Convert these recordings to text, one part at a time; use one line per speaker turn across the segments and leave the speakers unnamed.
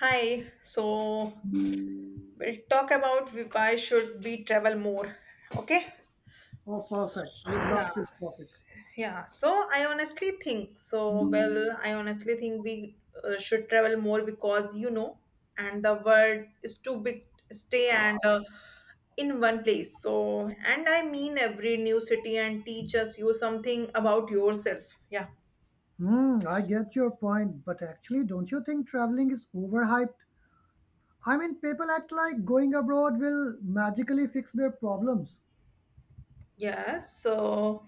Hi, so we'll talk about why should we travel more. Okay?
Oh, perfect. We
Yeah.
love this topic.
Yeah. So I honestly think so well I honestly think we should travel more because and the world is too big to stay and in one place. So and I mean every new city and teaches you something about yourself. Yeah.
Hmm, I get your point, but actually, don't you think traveling is overhyped? I mean, people act like going abroad will magically fix their problems.
Yes. So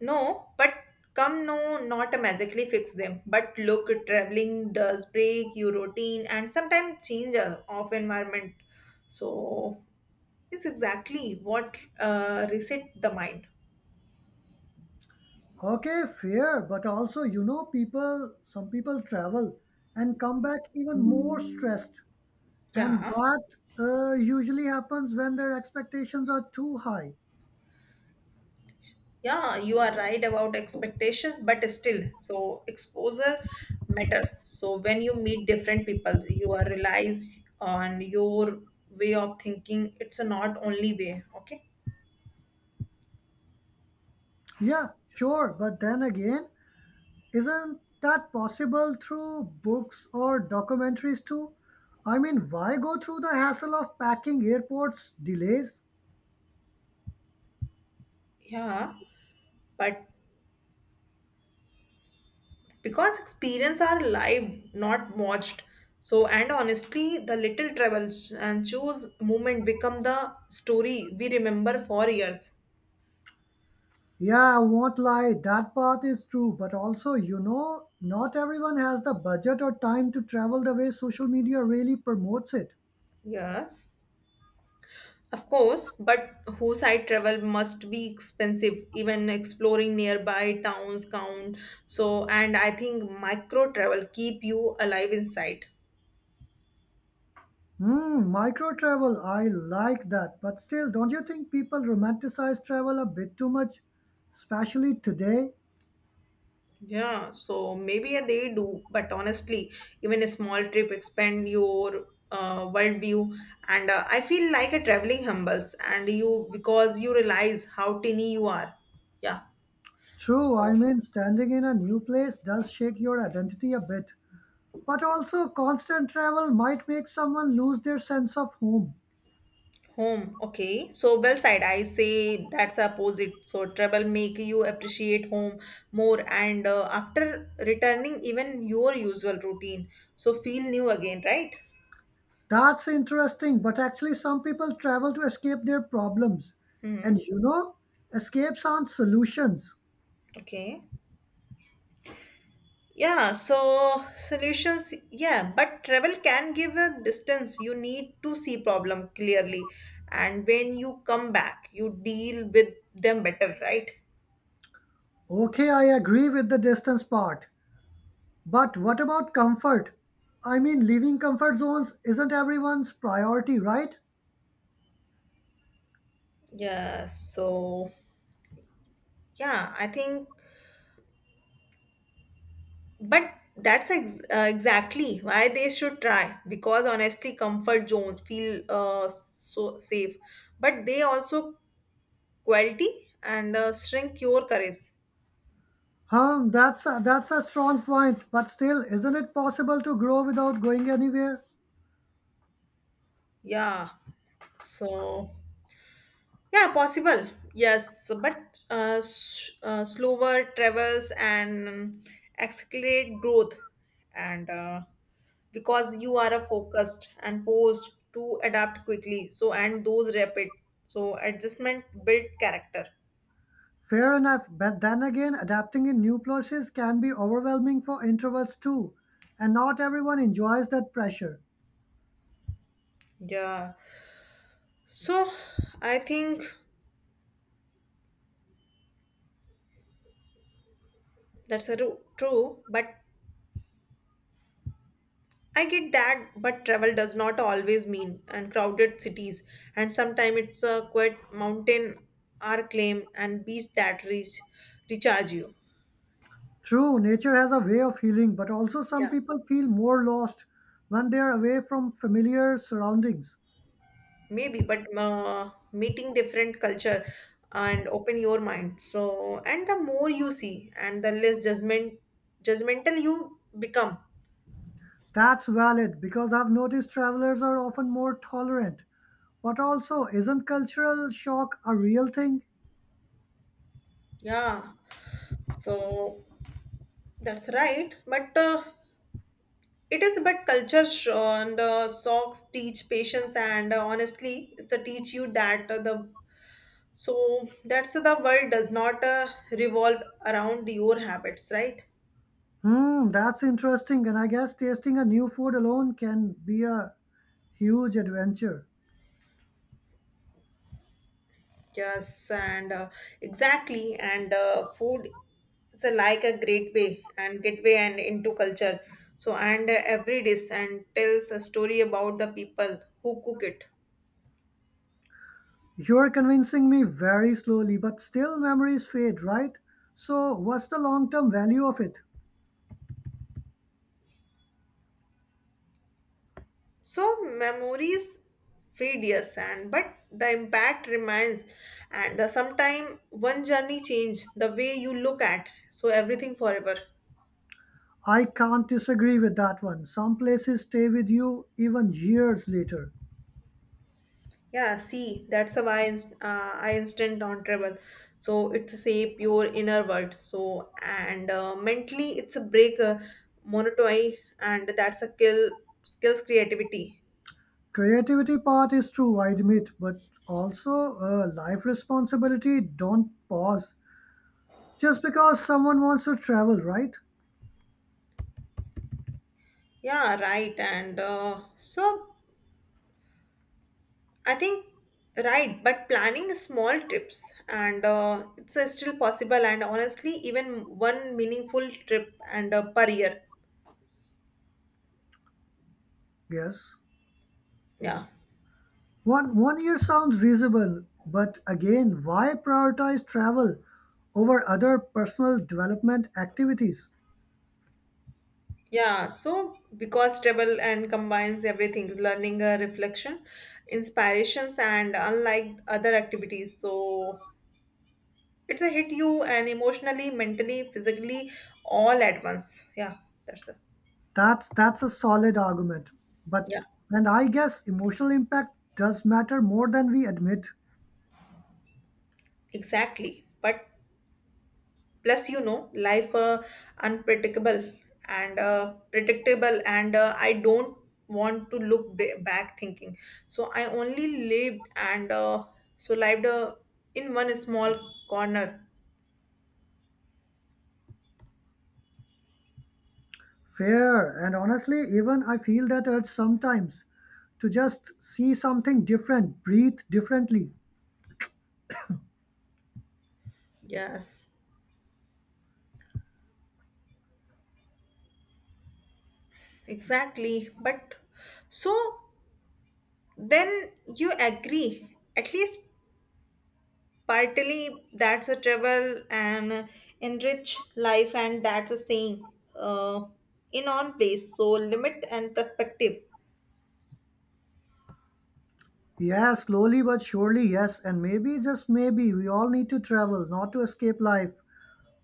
no, but come no, not magically fix them. But look, traveling does break your routine and sometimes change of environment. So it's exactly what reset the mind.
Okay, fair, but also, you know, people, some people travel and come back even more stressed, and
Yeah,
that usually happens when their expectations are too high.
yeah, you are right about expectations, but still, so exposure matters. So when you meet different people, you are realize on your way of thinking. It's a not only way. Okay.
Yeah, sure, but then again, isn't that possible through books or documentaries too? I mean, why go through the hassle of packing airports delays?
Yeah, but because experience are live not watched. So and honestly the little travels and choose moment become the story we remember for years.
Yeah, I won't lie, that part is true, but also, you know, not everyone has the budget or time to travel the way social media really promotes it.
Yes, of course, but whose side travel must be expensive. Even exploring nearby towns count. So and I think micro travel keep you alive inside.
Hmm, micro travel, I like that, but still, don't you think people romanticize travel a bit too much, especially today?
Yeah, so maybe they do, but honestly, even a small trip expand your worldview, and I feel like a traveling humbles, and you because you realize how tiny you are. Yeah.
True, I
So
mean, standing in a new place does shake your identity a bit. But also, constant travel might make someone lose their sense of home.
home, okay. So well said. I say that's opposite. So travel make you appreciate home more, and after returning, even your usual routine, so feel new again, right?
That's interesting, but actually, some people travel to escape their problems. And
Mm-hmm.
you know, escapes aren't solutions.
Okay. Yeah, so solutions, yeah, but travel can give a distance. You need to see problem clearly, and when you come back, you deal with them better, right?
Okay, I agree with the distance part. But what about comfort? I mean, leaving comfort zones isn't everyone's priority, right?
Yeah, so yeah, I think, but that's ex exactly why they should try because honestly, comfort zones feel so safe, but they also quality and shrink your courage.
Huh, that's a strong point, but still, isn't it possible to grow without going anywhere?
Yeah, so. Yeah, possible. Yes, but slower travels and accelerate growth, and because you are a focused and forced to adapt quickly. So and those rapid. So adjustment build character.
Fair enough, but then again, adapting in new places can be overwhelming for introverts too, and not everyone enjoys that pressure.
Yeah. So I think that's a true, but I get that, but travel does not always mean and crowded cities, and sometimes it's a quiet mountain or claim and beach that reach recharge you.
True, nature has a way of healing, but also some
Yeah,
people feel more lost when they are away from familiar surroundings.
maybe, but meeting different culture and open your mind. So, and the more you see, and the less judgmental you become.
That's valid because I've noticed travelers are often more tolerant. But also, isn't cultural shock a real thing?
Yeah, so that's right, but. It is, but culture sh- and socks teach patience, and honestly, it's the teach you that the so that's the world does not revolve around your habits, right?
Hmm, that's interesting, and I guess tasting a new food alone can be a huge adventure.
Yes, and exactly, and food is a, like a great way and gateway and into culture. So, and every dish and tells a story about the people who cook it.
You're convincing me very slowly, but still memories fade, right? So, what's the long term value of it?
So memories fade, yes, and but the impact remains. And the sometime one journey change the way you look at so everything forever.
I can't disagree with that one. Some places stay with you even years later.
Yeah, see, that's how I instant on travel. So it's shape your inner world. So and mentally it's a break monotony and that's a kill skills creativity.
Creativity part is true, I admit, but also life responsibility don't pause just because someone wants to travel, right?
Yeah, right, and so I think right, but planning small trips and it's still possible. And honestly, even one meaningful trip and per year.
Yes.
Yeah,
One year sounds reasonable, but again, why prioritize travel over other personal development activities?
yeah. So because travel and combines everything, learning, reflection, inspirations, and unlike other activities, so it's a hit you and emotionally, mentally, physically, all at once. Yeah, that's it.
That's a solid argument. But
Yeah,
and I guess emotional impact does matter more than we admit.
exactly. But plus life unpredictable and predictable and I don't want to look back thinking. So I only lived and so lived in one small corner.
Fair. And honestly, even I feel that urge sometimes to just see something different, breathe differently.
Yes, exactly, but so then you agree at least partly that's a travel and enrich life and that's a saying in on place so limit and perspective.
Yeah, slowly but surely, yes. And maybe, just maybe, we all need to travel, not to escape life.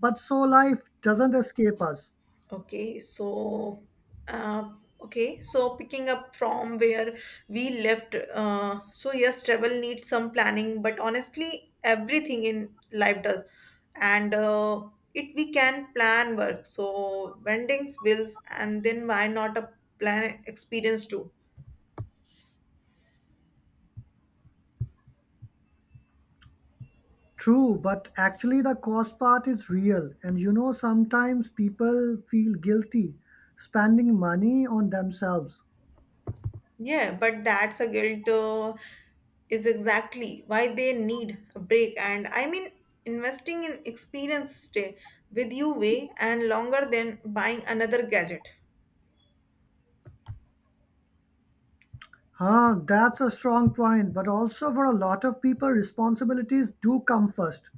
But so life doesn't escape us.
Okay, so uh, okay, so picking up from where we left, so yes, travel needs some planning, but honestly, everything in life does, and it we can plan work, so vendings, bills, and then why not a plan experience too?
True, but actually the cost part is real. And you know, sometimes people feel guilty spending money on themselves.
Yeah, but that's a guilt is exactly why they need a break. And I mean, investing in experience stay with you way and longer than buying another gadget.
Huh, that's a strong point. But also, for a lot of people, responsibilities do come first.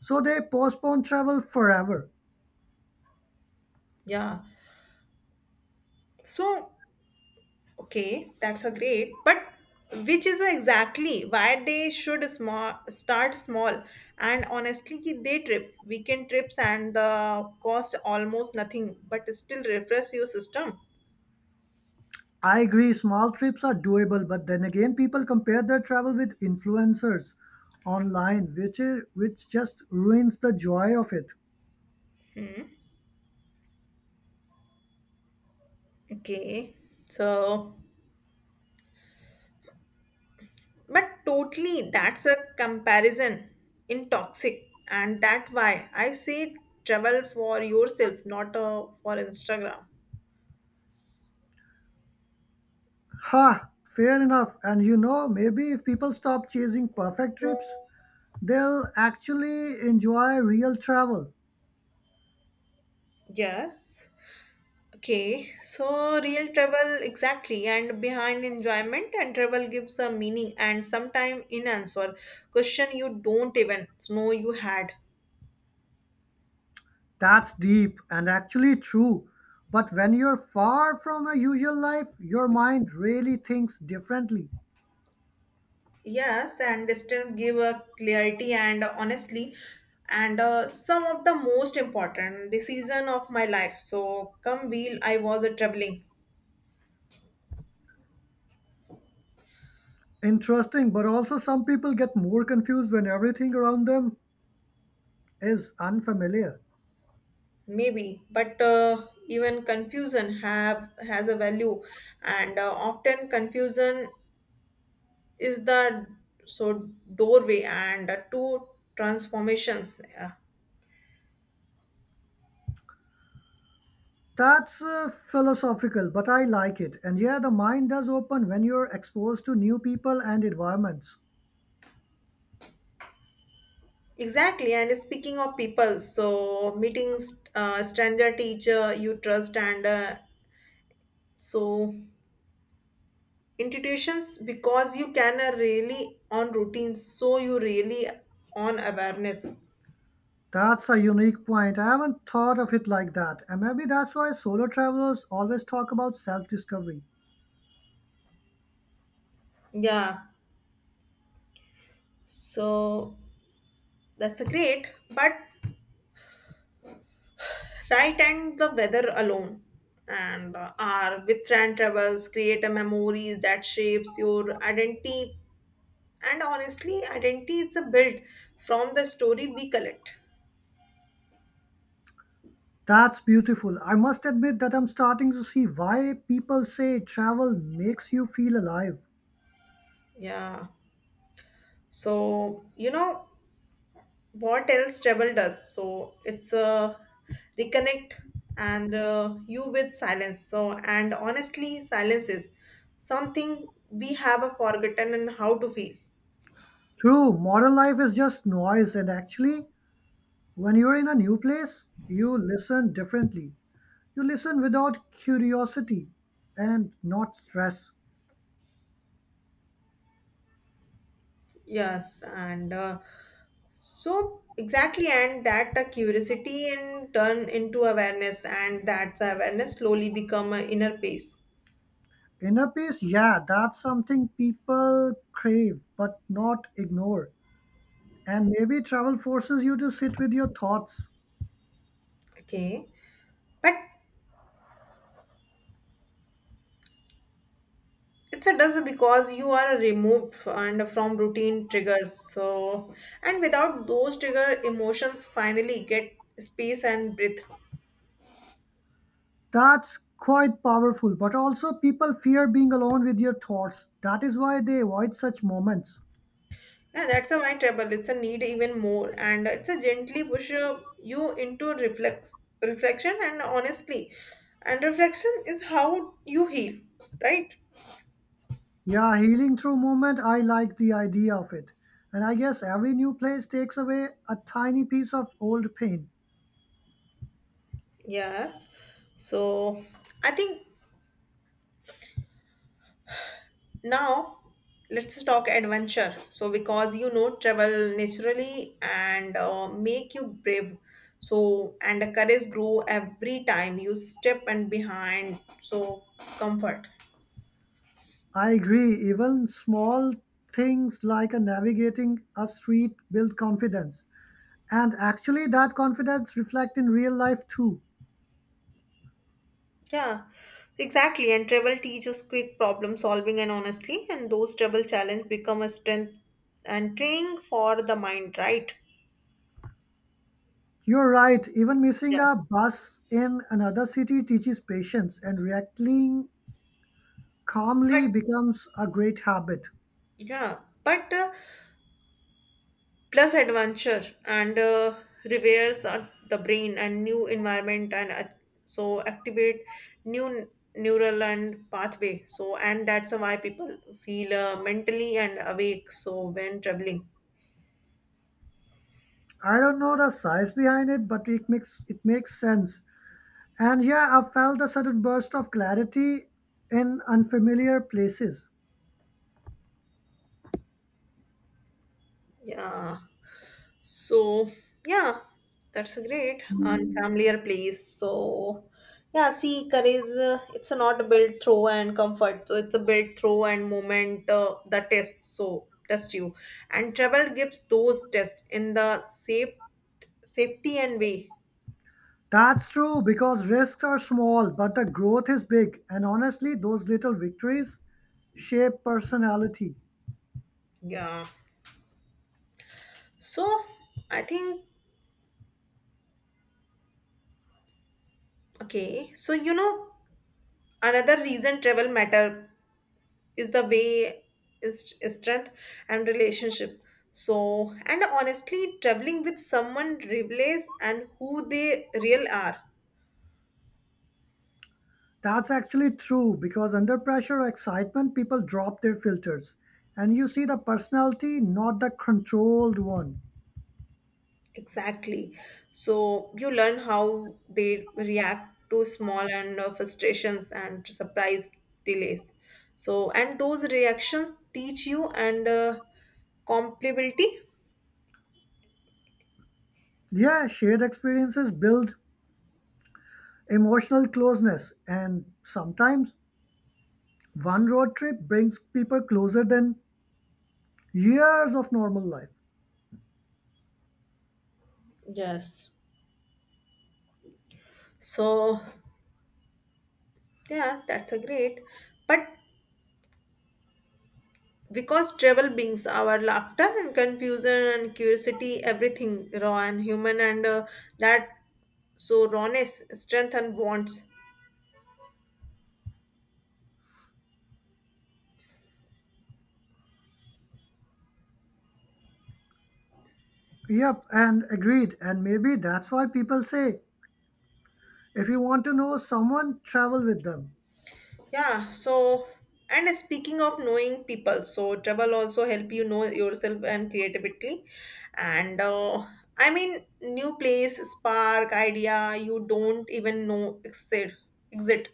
So they postpone travel forever.
Yeah. So, okay, that's a great, but which is exactly why they should small start small, and honestly ki they trip weekend trips and the cost almost nothing but still refresh your system.
I agree, small trips are doable, but then again, people compare their travel with influencers online, which, is, which just ruins the joy of it.
Hmm. Okay. So but totally, that's a comparison in toxic, and that why I say travel for yourself, not for Instagram.
Ha, fair enough. And you know, maybe if people stop chasing perfect trips, they'll actually enjoy real travel.
Yes. Okay. So real travel exactly, and behind enjoyment and travel gives a meaning and sometime in answer question you don't even know you had.
That's deep and actually true. But when you're far from a usual life, your mind really thinks differently.
Yes, and distance give a clarity and honestly, and some of the most important decision of my life. So come wheel, I was a traveling.
Interesting, but also some people get more confused when everything around them is unfamiliar.
Maybe, but even confusion have has a value, and often confusion is the so doorway and two transformations. Yeah.
That's philosophical, but I like it. And yeah, the mind does open when you're exposed to new people and environments.
Exactly, and speaking of people, so meeting stranger teacher you trust and so. Intuitions because you can are really on routine so you really on awareness.
That's a unique point. I haven't thought of it like that. And maybe that's why solo travelers always talk about self discovery.
Yeah, so that's a great, but right, and the weather alone and are with friend travels create a memories that shapes your identity and honestly identity is a built from the story we collect.
That's beautiful. I must admit that I'm starting to see why people say travel makes you feel alive.
Yeah. So, you know what else travel does? So it's a reconnect and you with silence. So and honestly silence is something we have a forgotten and how to feel.
True, modern life is just noise, and actually, when you're in a new place, you listen differently. You listen without curiosity and not stress.
Yes, and so exactly, and that curiosity and turn into awareness and that's awareness slowly become an inner peace.
Inner peace, yeah, that's something people crave but not ignore. And maybe travel forces you to sit with your thoughts.
Okay, but it's a does because you are removed f- and from routine triggers. So, and without those trigger, emotions finally get space and breath.
That's quite powerful. But also, people fear being alone with your thoughts. That is why they avoid such moments.
Yeah, that's a my trouble. It's a need even more, and it's a gently push you into reflection, and honestly, and reflection is how you heal, right?
Yeah, healing through movement, I like the idea of it. And I guess every new place takes away a tiny piece of old pain.
Yes. So I think now let's talk adventure, so because travel naturally and make you brave. So and the courage grow every time you step and behind so comfort.
I agree, even small things like a navigating a street build confidence. And actually, that confidence reflects in real life too.
Yeah, exactly, and travel teaches quick problem solving, and honestly and those travel challenge become a strength and training for the mind, right?
You're right, even missing
Yeah,
a bus in another city teaches patience, and reacting
but
calmly becomes a great habit.
yeah but uh, plus adventure and reveres the brain and new environment and so activate new neural and pathway. So and that's why people feel mentally and awake so when traveling.
I don't know the science behind it, but it makes sense. And yeah, I felt a sudden burst of clarity in unfamiliar places.
Yeah. So, yeah, that's a great unfamiliar place. So, yeah, see, courage, it's not built through and comfort. So, it's a built through and moment the test. So, test you. And travel gives those tests in the safety and way.
That's true because risks are small, but the growth is big, and honestly, those little victories shape personality.
Yeah. So, I think, okay. So, another reason travel matter is the way is strength and relationship. So and honestly traveling with someone reveals and who they real are.
That's actually true because under pressure or excitement, people drop their filters and you see the personality, not the controlled one.
Exactly, so you learn how they react to small and frustrations and surprise delays. So and those reactions teach you and compatibility.
Yeah, shared experiences build emotional closeness, and sometimes one road trip brings people closer than years of normal life.
Yes. So yeah, that's a great, but because travel brings our laughter and confusion and curiosity, everything raw and human, and that so rawness, strength, and bonds.
Yep, and agreed. And maybe that's why people say if you want to know someone, travel with them.
Yeah. So, and speaking of knowing people, so travel also help you know yourself and creativity, and I mean new place, spark idea you don't even know exit.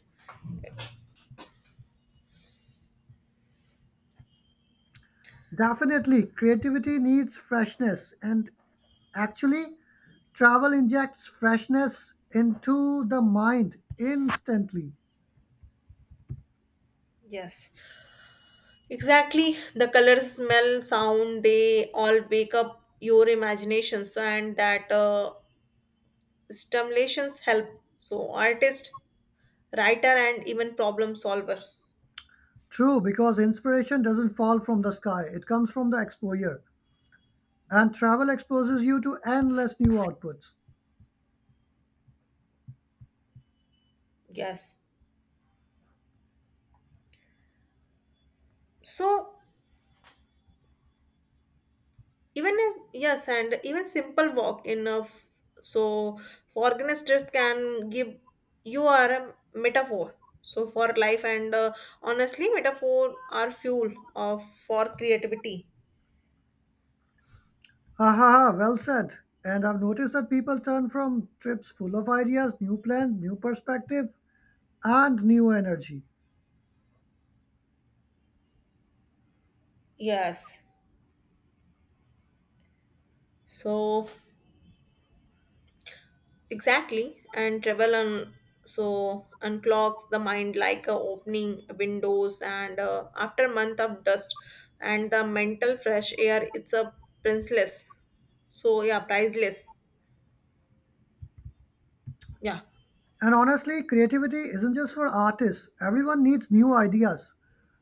Definitely, creativity needs freshness, and actually, travel injects freshness into the mind instantly.
Yes. Exactly. The color, smell, sound, they all wake up your imagination. So, and that stimulations help. So, artist, writer, and even problem solver.
True, because inspiration doesn't fall from the sky, it comes from the exposure. And travel exposes you to endless new outputs.
Yes. So, even if, yes, and even simple walk enough. So for organisters can give you are a metaphor. So for life and honestly, metaphor are fuel of for creativity.
Ha ha ha, well said. And I've noticed that people turn from trips full of ideas, new plans, new perspective, and new energy.
Yes. So exactly, and travel on so unclogs the mind like opening windows and after a month of dust and the mental fresh air it's a priceless. So yeah, priceless. Yeah.
And honestly, creativity isn't just for artists. Everyone needs new ideas.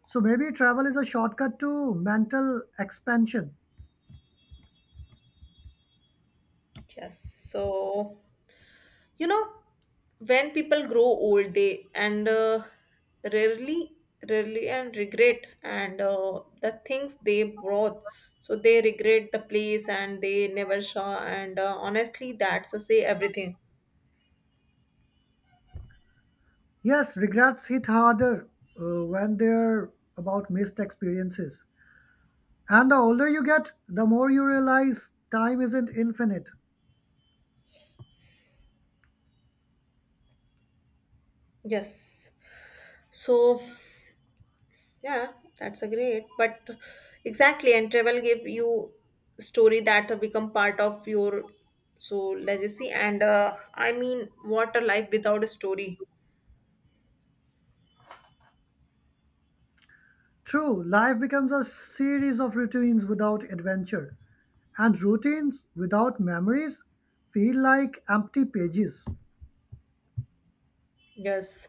So maybe travel is a shortcut to mental expansion.
Yes. So, you know, when people grow old, they and rarely, rarely and regret and the things they brought. So they regret the place and they never saw. And honestly, that's a say everything.
Yes, regrets hit harder when they're about missed experiences. And the older you get, the more you realize time isn't infinite.
Yes. So. Yeah, that's a great. But exactly, and travel give you story that become part of your so legacy. And I mean, what a life without a story.
True, life becomes a series of routines without adventure, and routines without memories feel like empty pages.
Yes,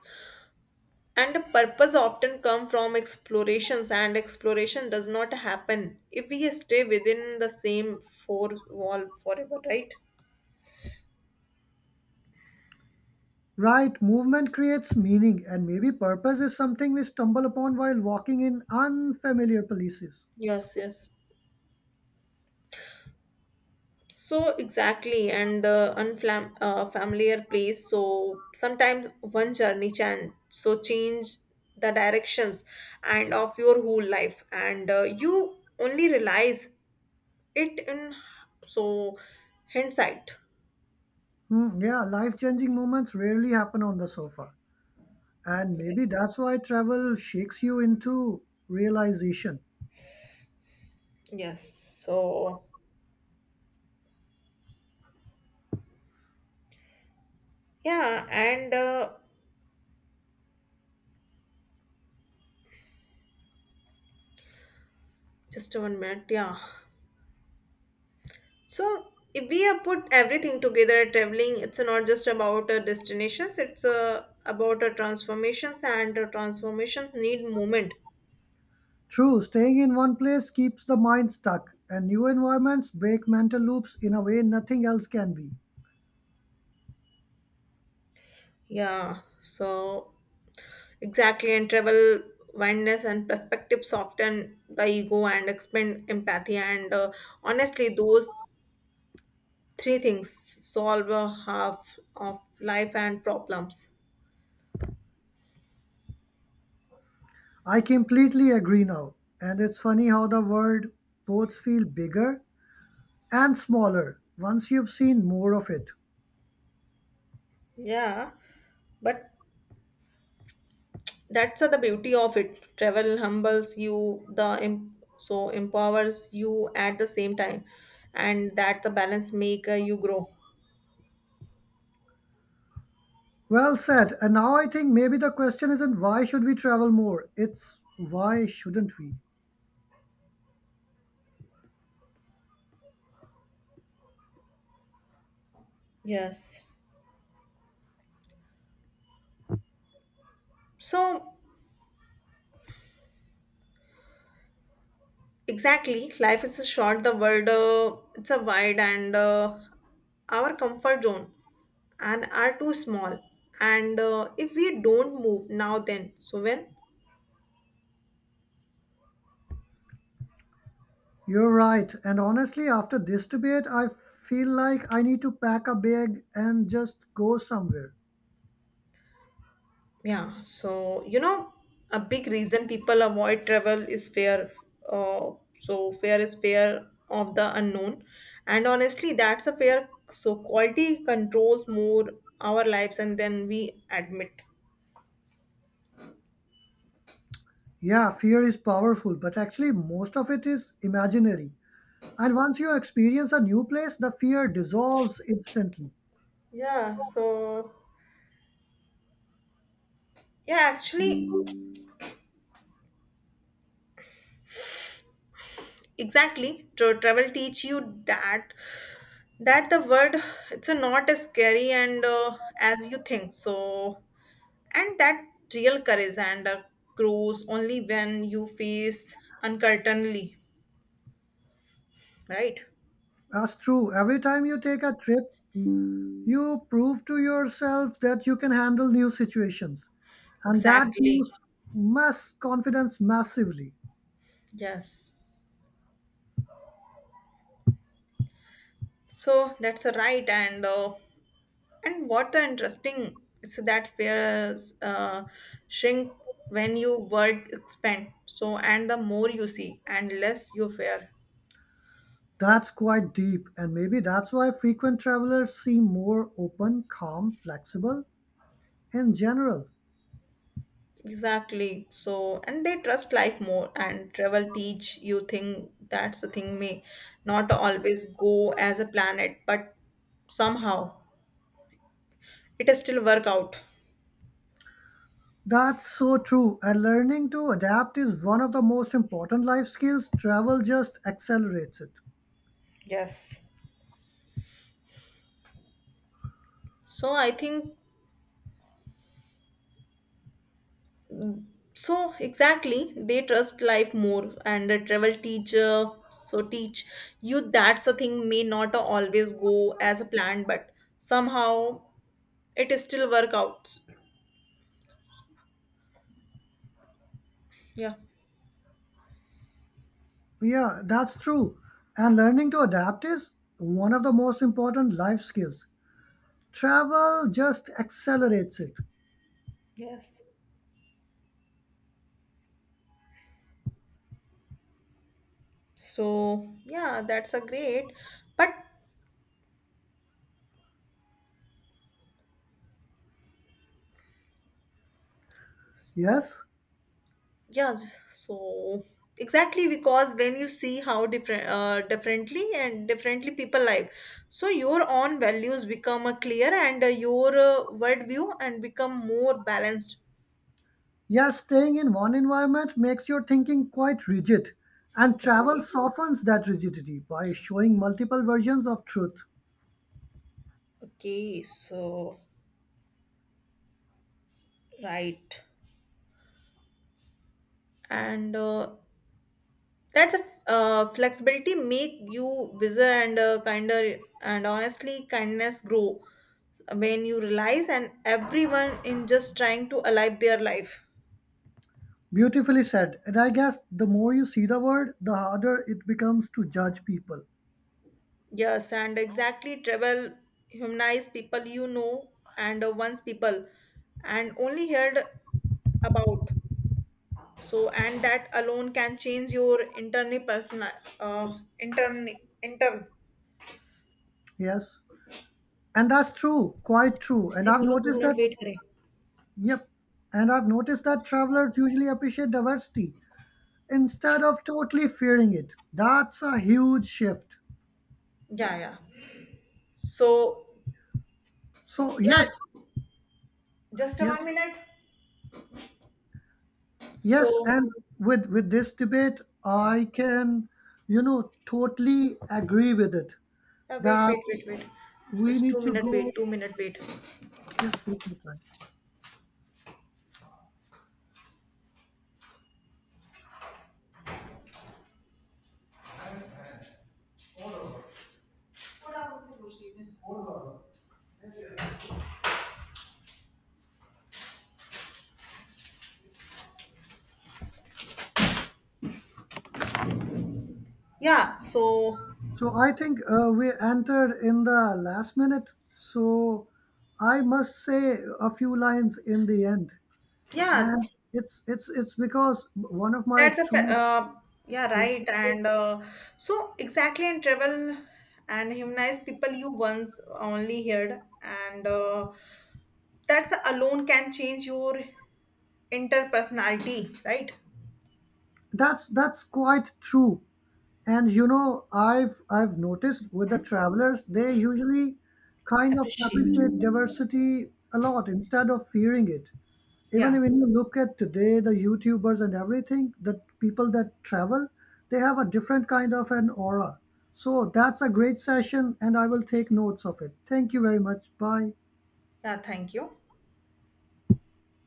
and the purpose often come from explorations, and exploration does not happen if we stay within the same four wall forever, right?
Right, movement creates meaning, and maybe purpose is something we stumble upon while walking in unfamiliar places.
Yes, yes. So exactly, and unfam familiar place. So sometimes one journey can so change the directions and of your whole life, and you only realize it in so hindsight.
Hmm, yeah, life changing moments rarely happen on the sofa, and maybe
Yes.
that's why travel shakes you into realization.
Yes. So yeah, and just 1 minute. Yeah. So if we have put everything together at traveling, it's not just about destinations, it's about transformations and transformations need movement.
True, staying in one place keeps the mind stuck, and new environments break mental loops in a way nothing else can be.
Yeah, so exactly and travel wildness and perspective soften the ego and expand empathy and honestly those three things solve half of life and problems.
I completely agree now, and it's funny how the world both feel bigger and smaller once you've seen more of it.
Yeah, but that's the beauty of it travel humbles you the empowers you at the same time and that the balance make you grow.
Well said. And now I think maybe the question isn't why should we travel more? It's why shouldn't we?
Yes. So exactly life is a short the world it's a wide and our comfort zone and are too small and if we don't move now then so when.
You're right. And honestly, after this debate, I feel like I need to pack a bag and just go somewhere.
Yeah, so a big reason people avoid travel is fear. Uh, so fear is fear of the unknown, and honestly, that's a fear. So quality controls more our lives, and then we admit.
Yeah, fear is powerful, but actually, most of it is imaginary. And once you experience a new place, the fear dissolves instantly.
Yeah. So yeah, actually, exactly. Travel teach you that the word it's a not as scary and as you think. So and that real courage and grows only when you face uncertainly, right?
That's true. Every time you take a trip, you prove to yourself that you can handle new situations, and that
Exactly,
boosts mass confidence massively.
yes, so that's a right, and what the interesting is that fears shrink when you world expand. So and the more you see and less you fear.
That's quite deep, and maybe that's why frequent travelers seem more open, calm, flexible in general.
Exactly. So, and they trust life more, and travel teach you think that's the thing may not always go as a planet, but somehow it still work out.
That's so true, and learning to adapt is one of the most important life skills. Travel just accelerates it.
Yes. So I think so exactly they trust life more and a travel teach you that's the thing may not always go as a plan but somehow it is still work out. Yeah.
Yeah, that's true. And learning to adapt is one of the most important life skills. Travel just accelerates it.
Yes. So, yeah, that's a great. But
Yes,
yeah, so exactly because when you see how differently and differently people live, so your own values become a clear and your worldview and become more balanced.
yes, staying in one environment makes your thinking quite rigid, and travel
Okay.
softens that rigidity by showing multiple versions of truth.
Okay. So, right. And that's a flexibility make you wiser and kinder, and honestly, kindness grow when you realize and everyone in just trying to alive their life.
Beautifully said. And I guess the more you see the world, the harder it becomes to judge people.
Yes, and exactly travel humanize people, and once people and only heard about. So and that alone can change your internal personal uh, intern intern.
Yes. And that's true, quite true. And
उससे
I've
बोलो दो
noticed
minute
that,
wait करें
yep. And I've noticed that travelers usually appreciate diversity instead of totally fearing it. That's a huge shift.
या So
So,
yeah.
yes,
Just a
yes.
1 minute.
Yes,
So,
and with this debate, I can, you know, totally agree with it
wait,
that
wait, wait, wait.
we
Just two
need to
minute wait,
go.
2 minute wait.
Yes, take your time.
Yeah. So,
So I think we entered in the last minute. So I must say a few lines in the end,
yeah,
and it's because one of my
that's a
true,
yeah
yes,
right. And so exactly in travel and humanize people you once only heard, and that's alone can change your interpersonality, right?
that's quite true. And you know, I've noticed with the
Hmm?
travelers, they usually kind of
Appreciate.
appreciate
Okay.
diversity a lot instead of fearing it. Even
Yeah.
when you look at today, the youtubers and everything, the people that travel, they have a different kind of an aura. So that's a great session, and I will take notes of it. Thank you very much. Bye.
Yeah. Thank you.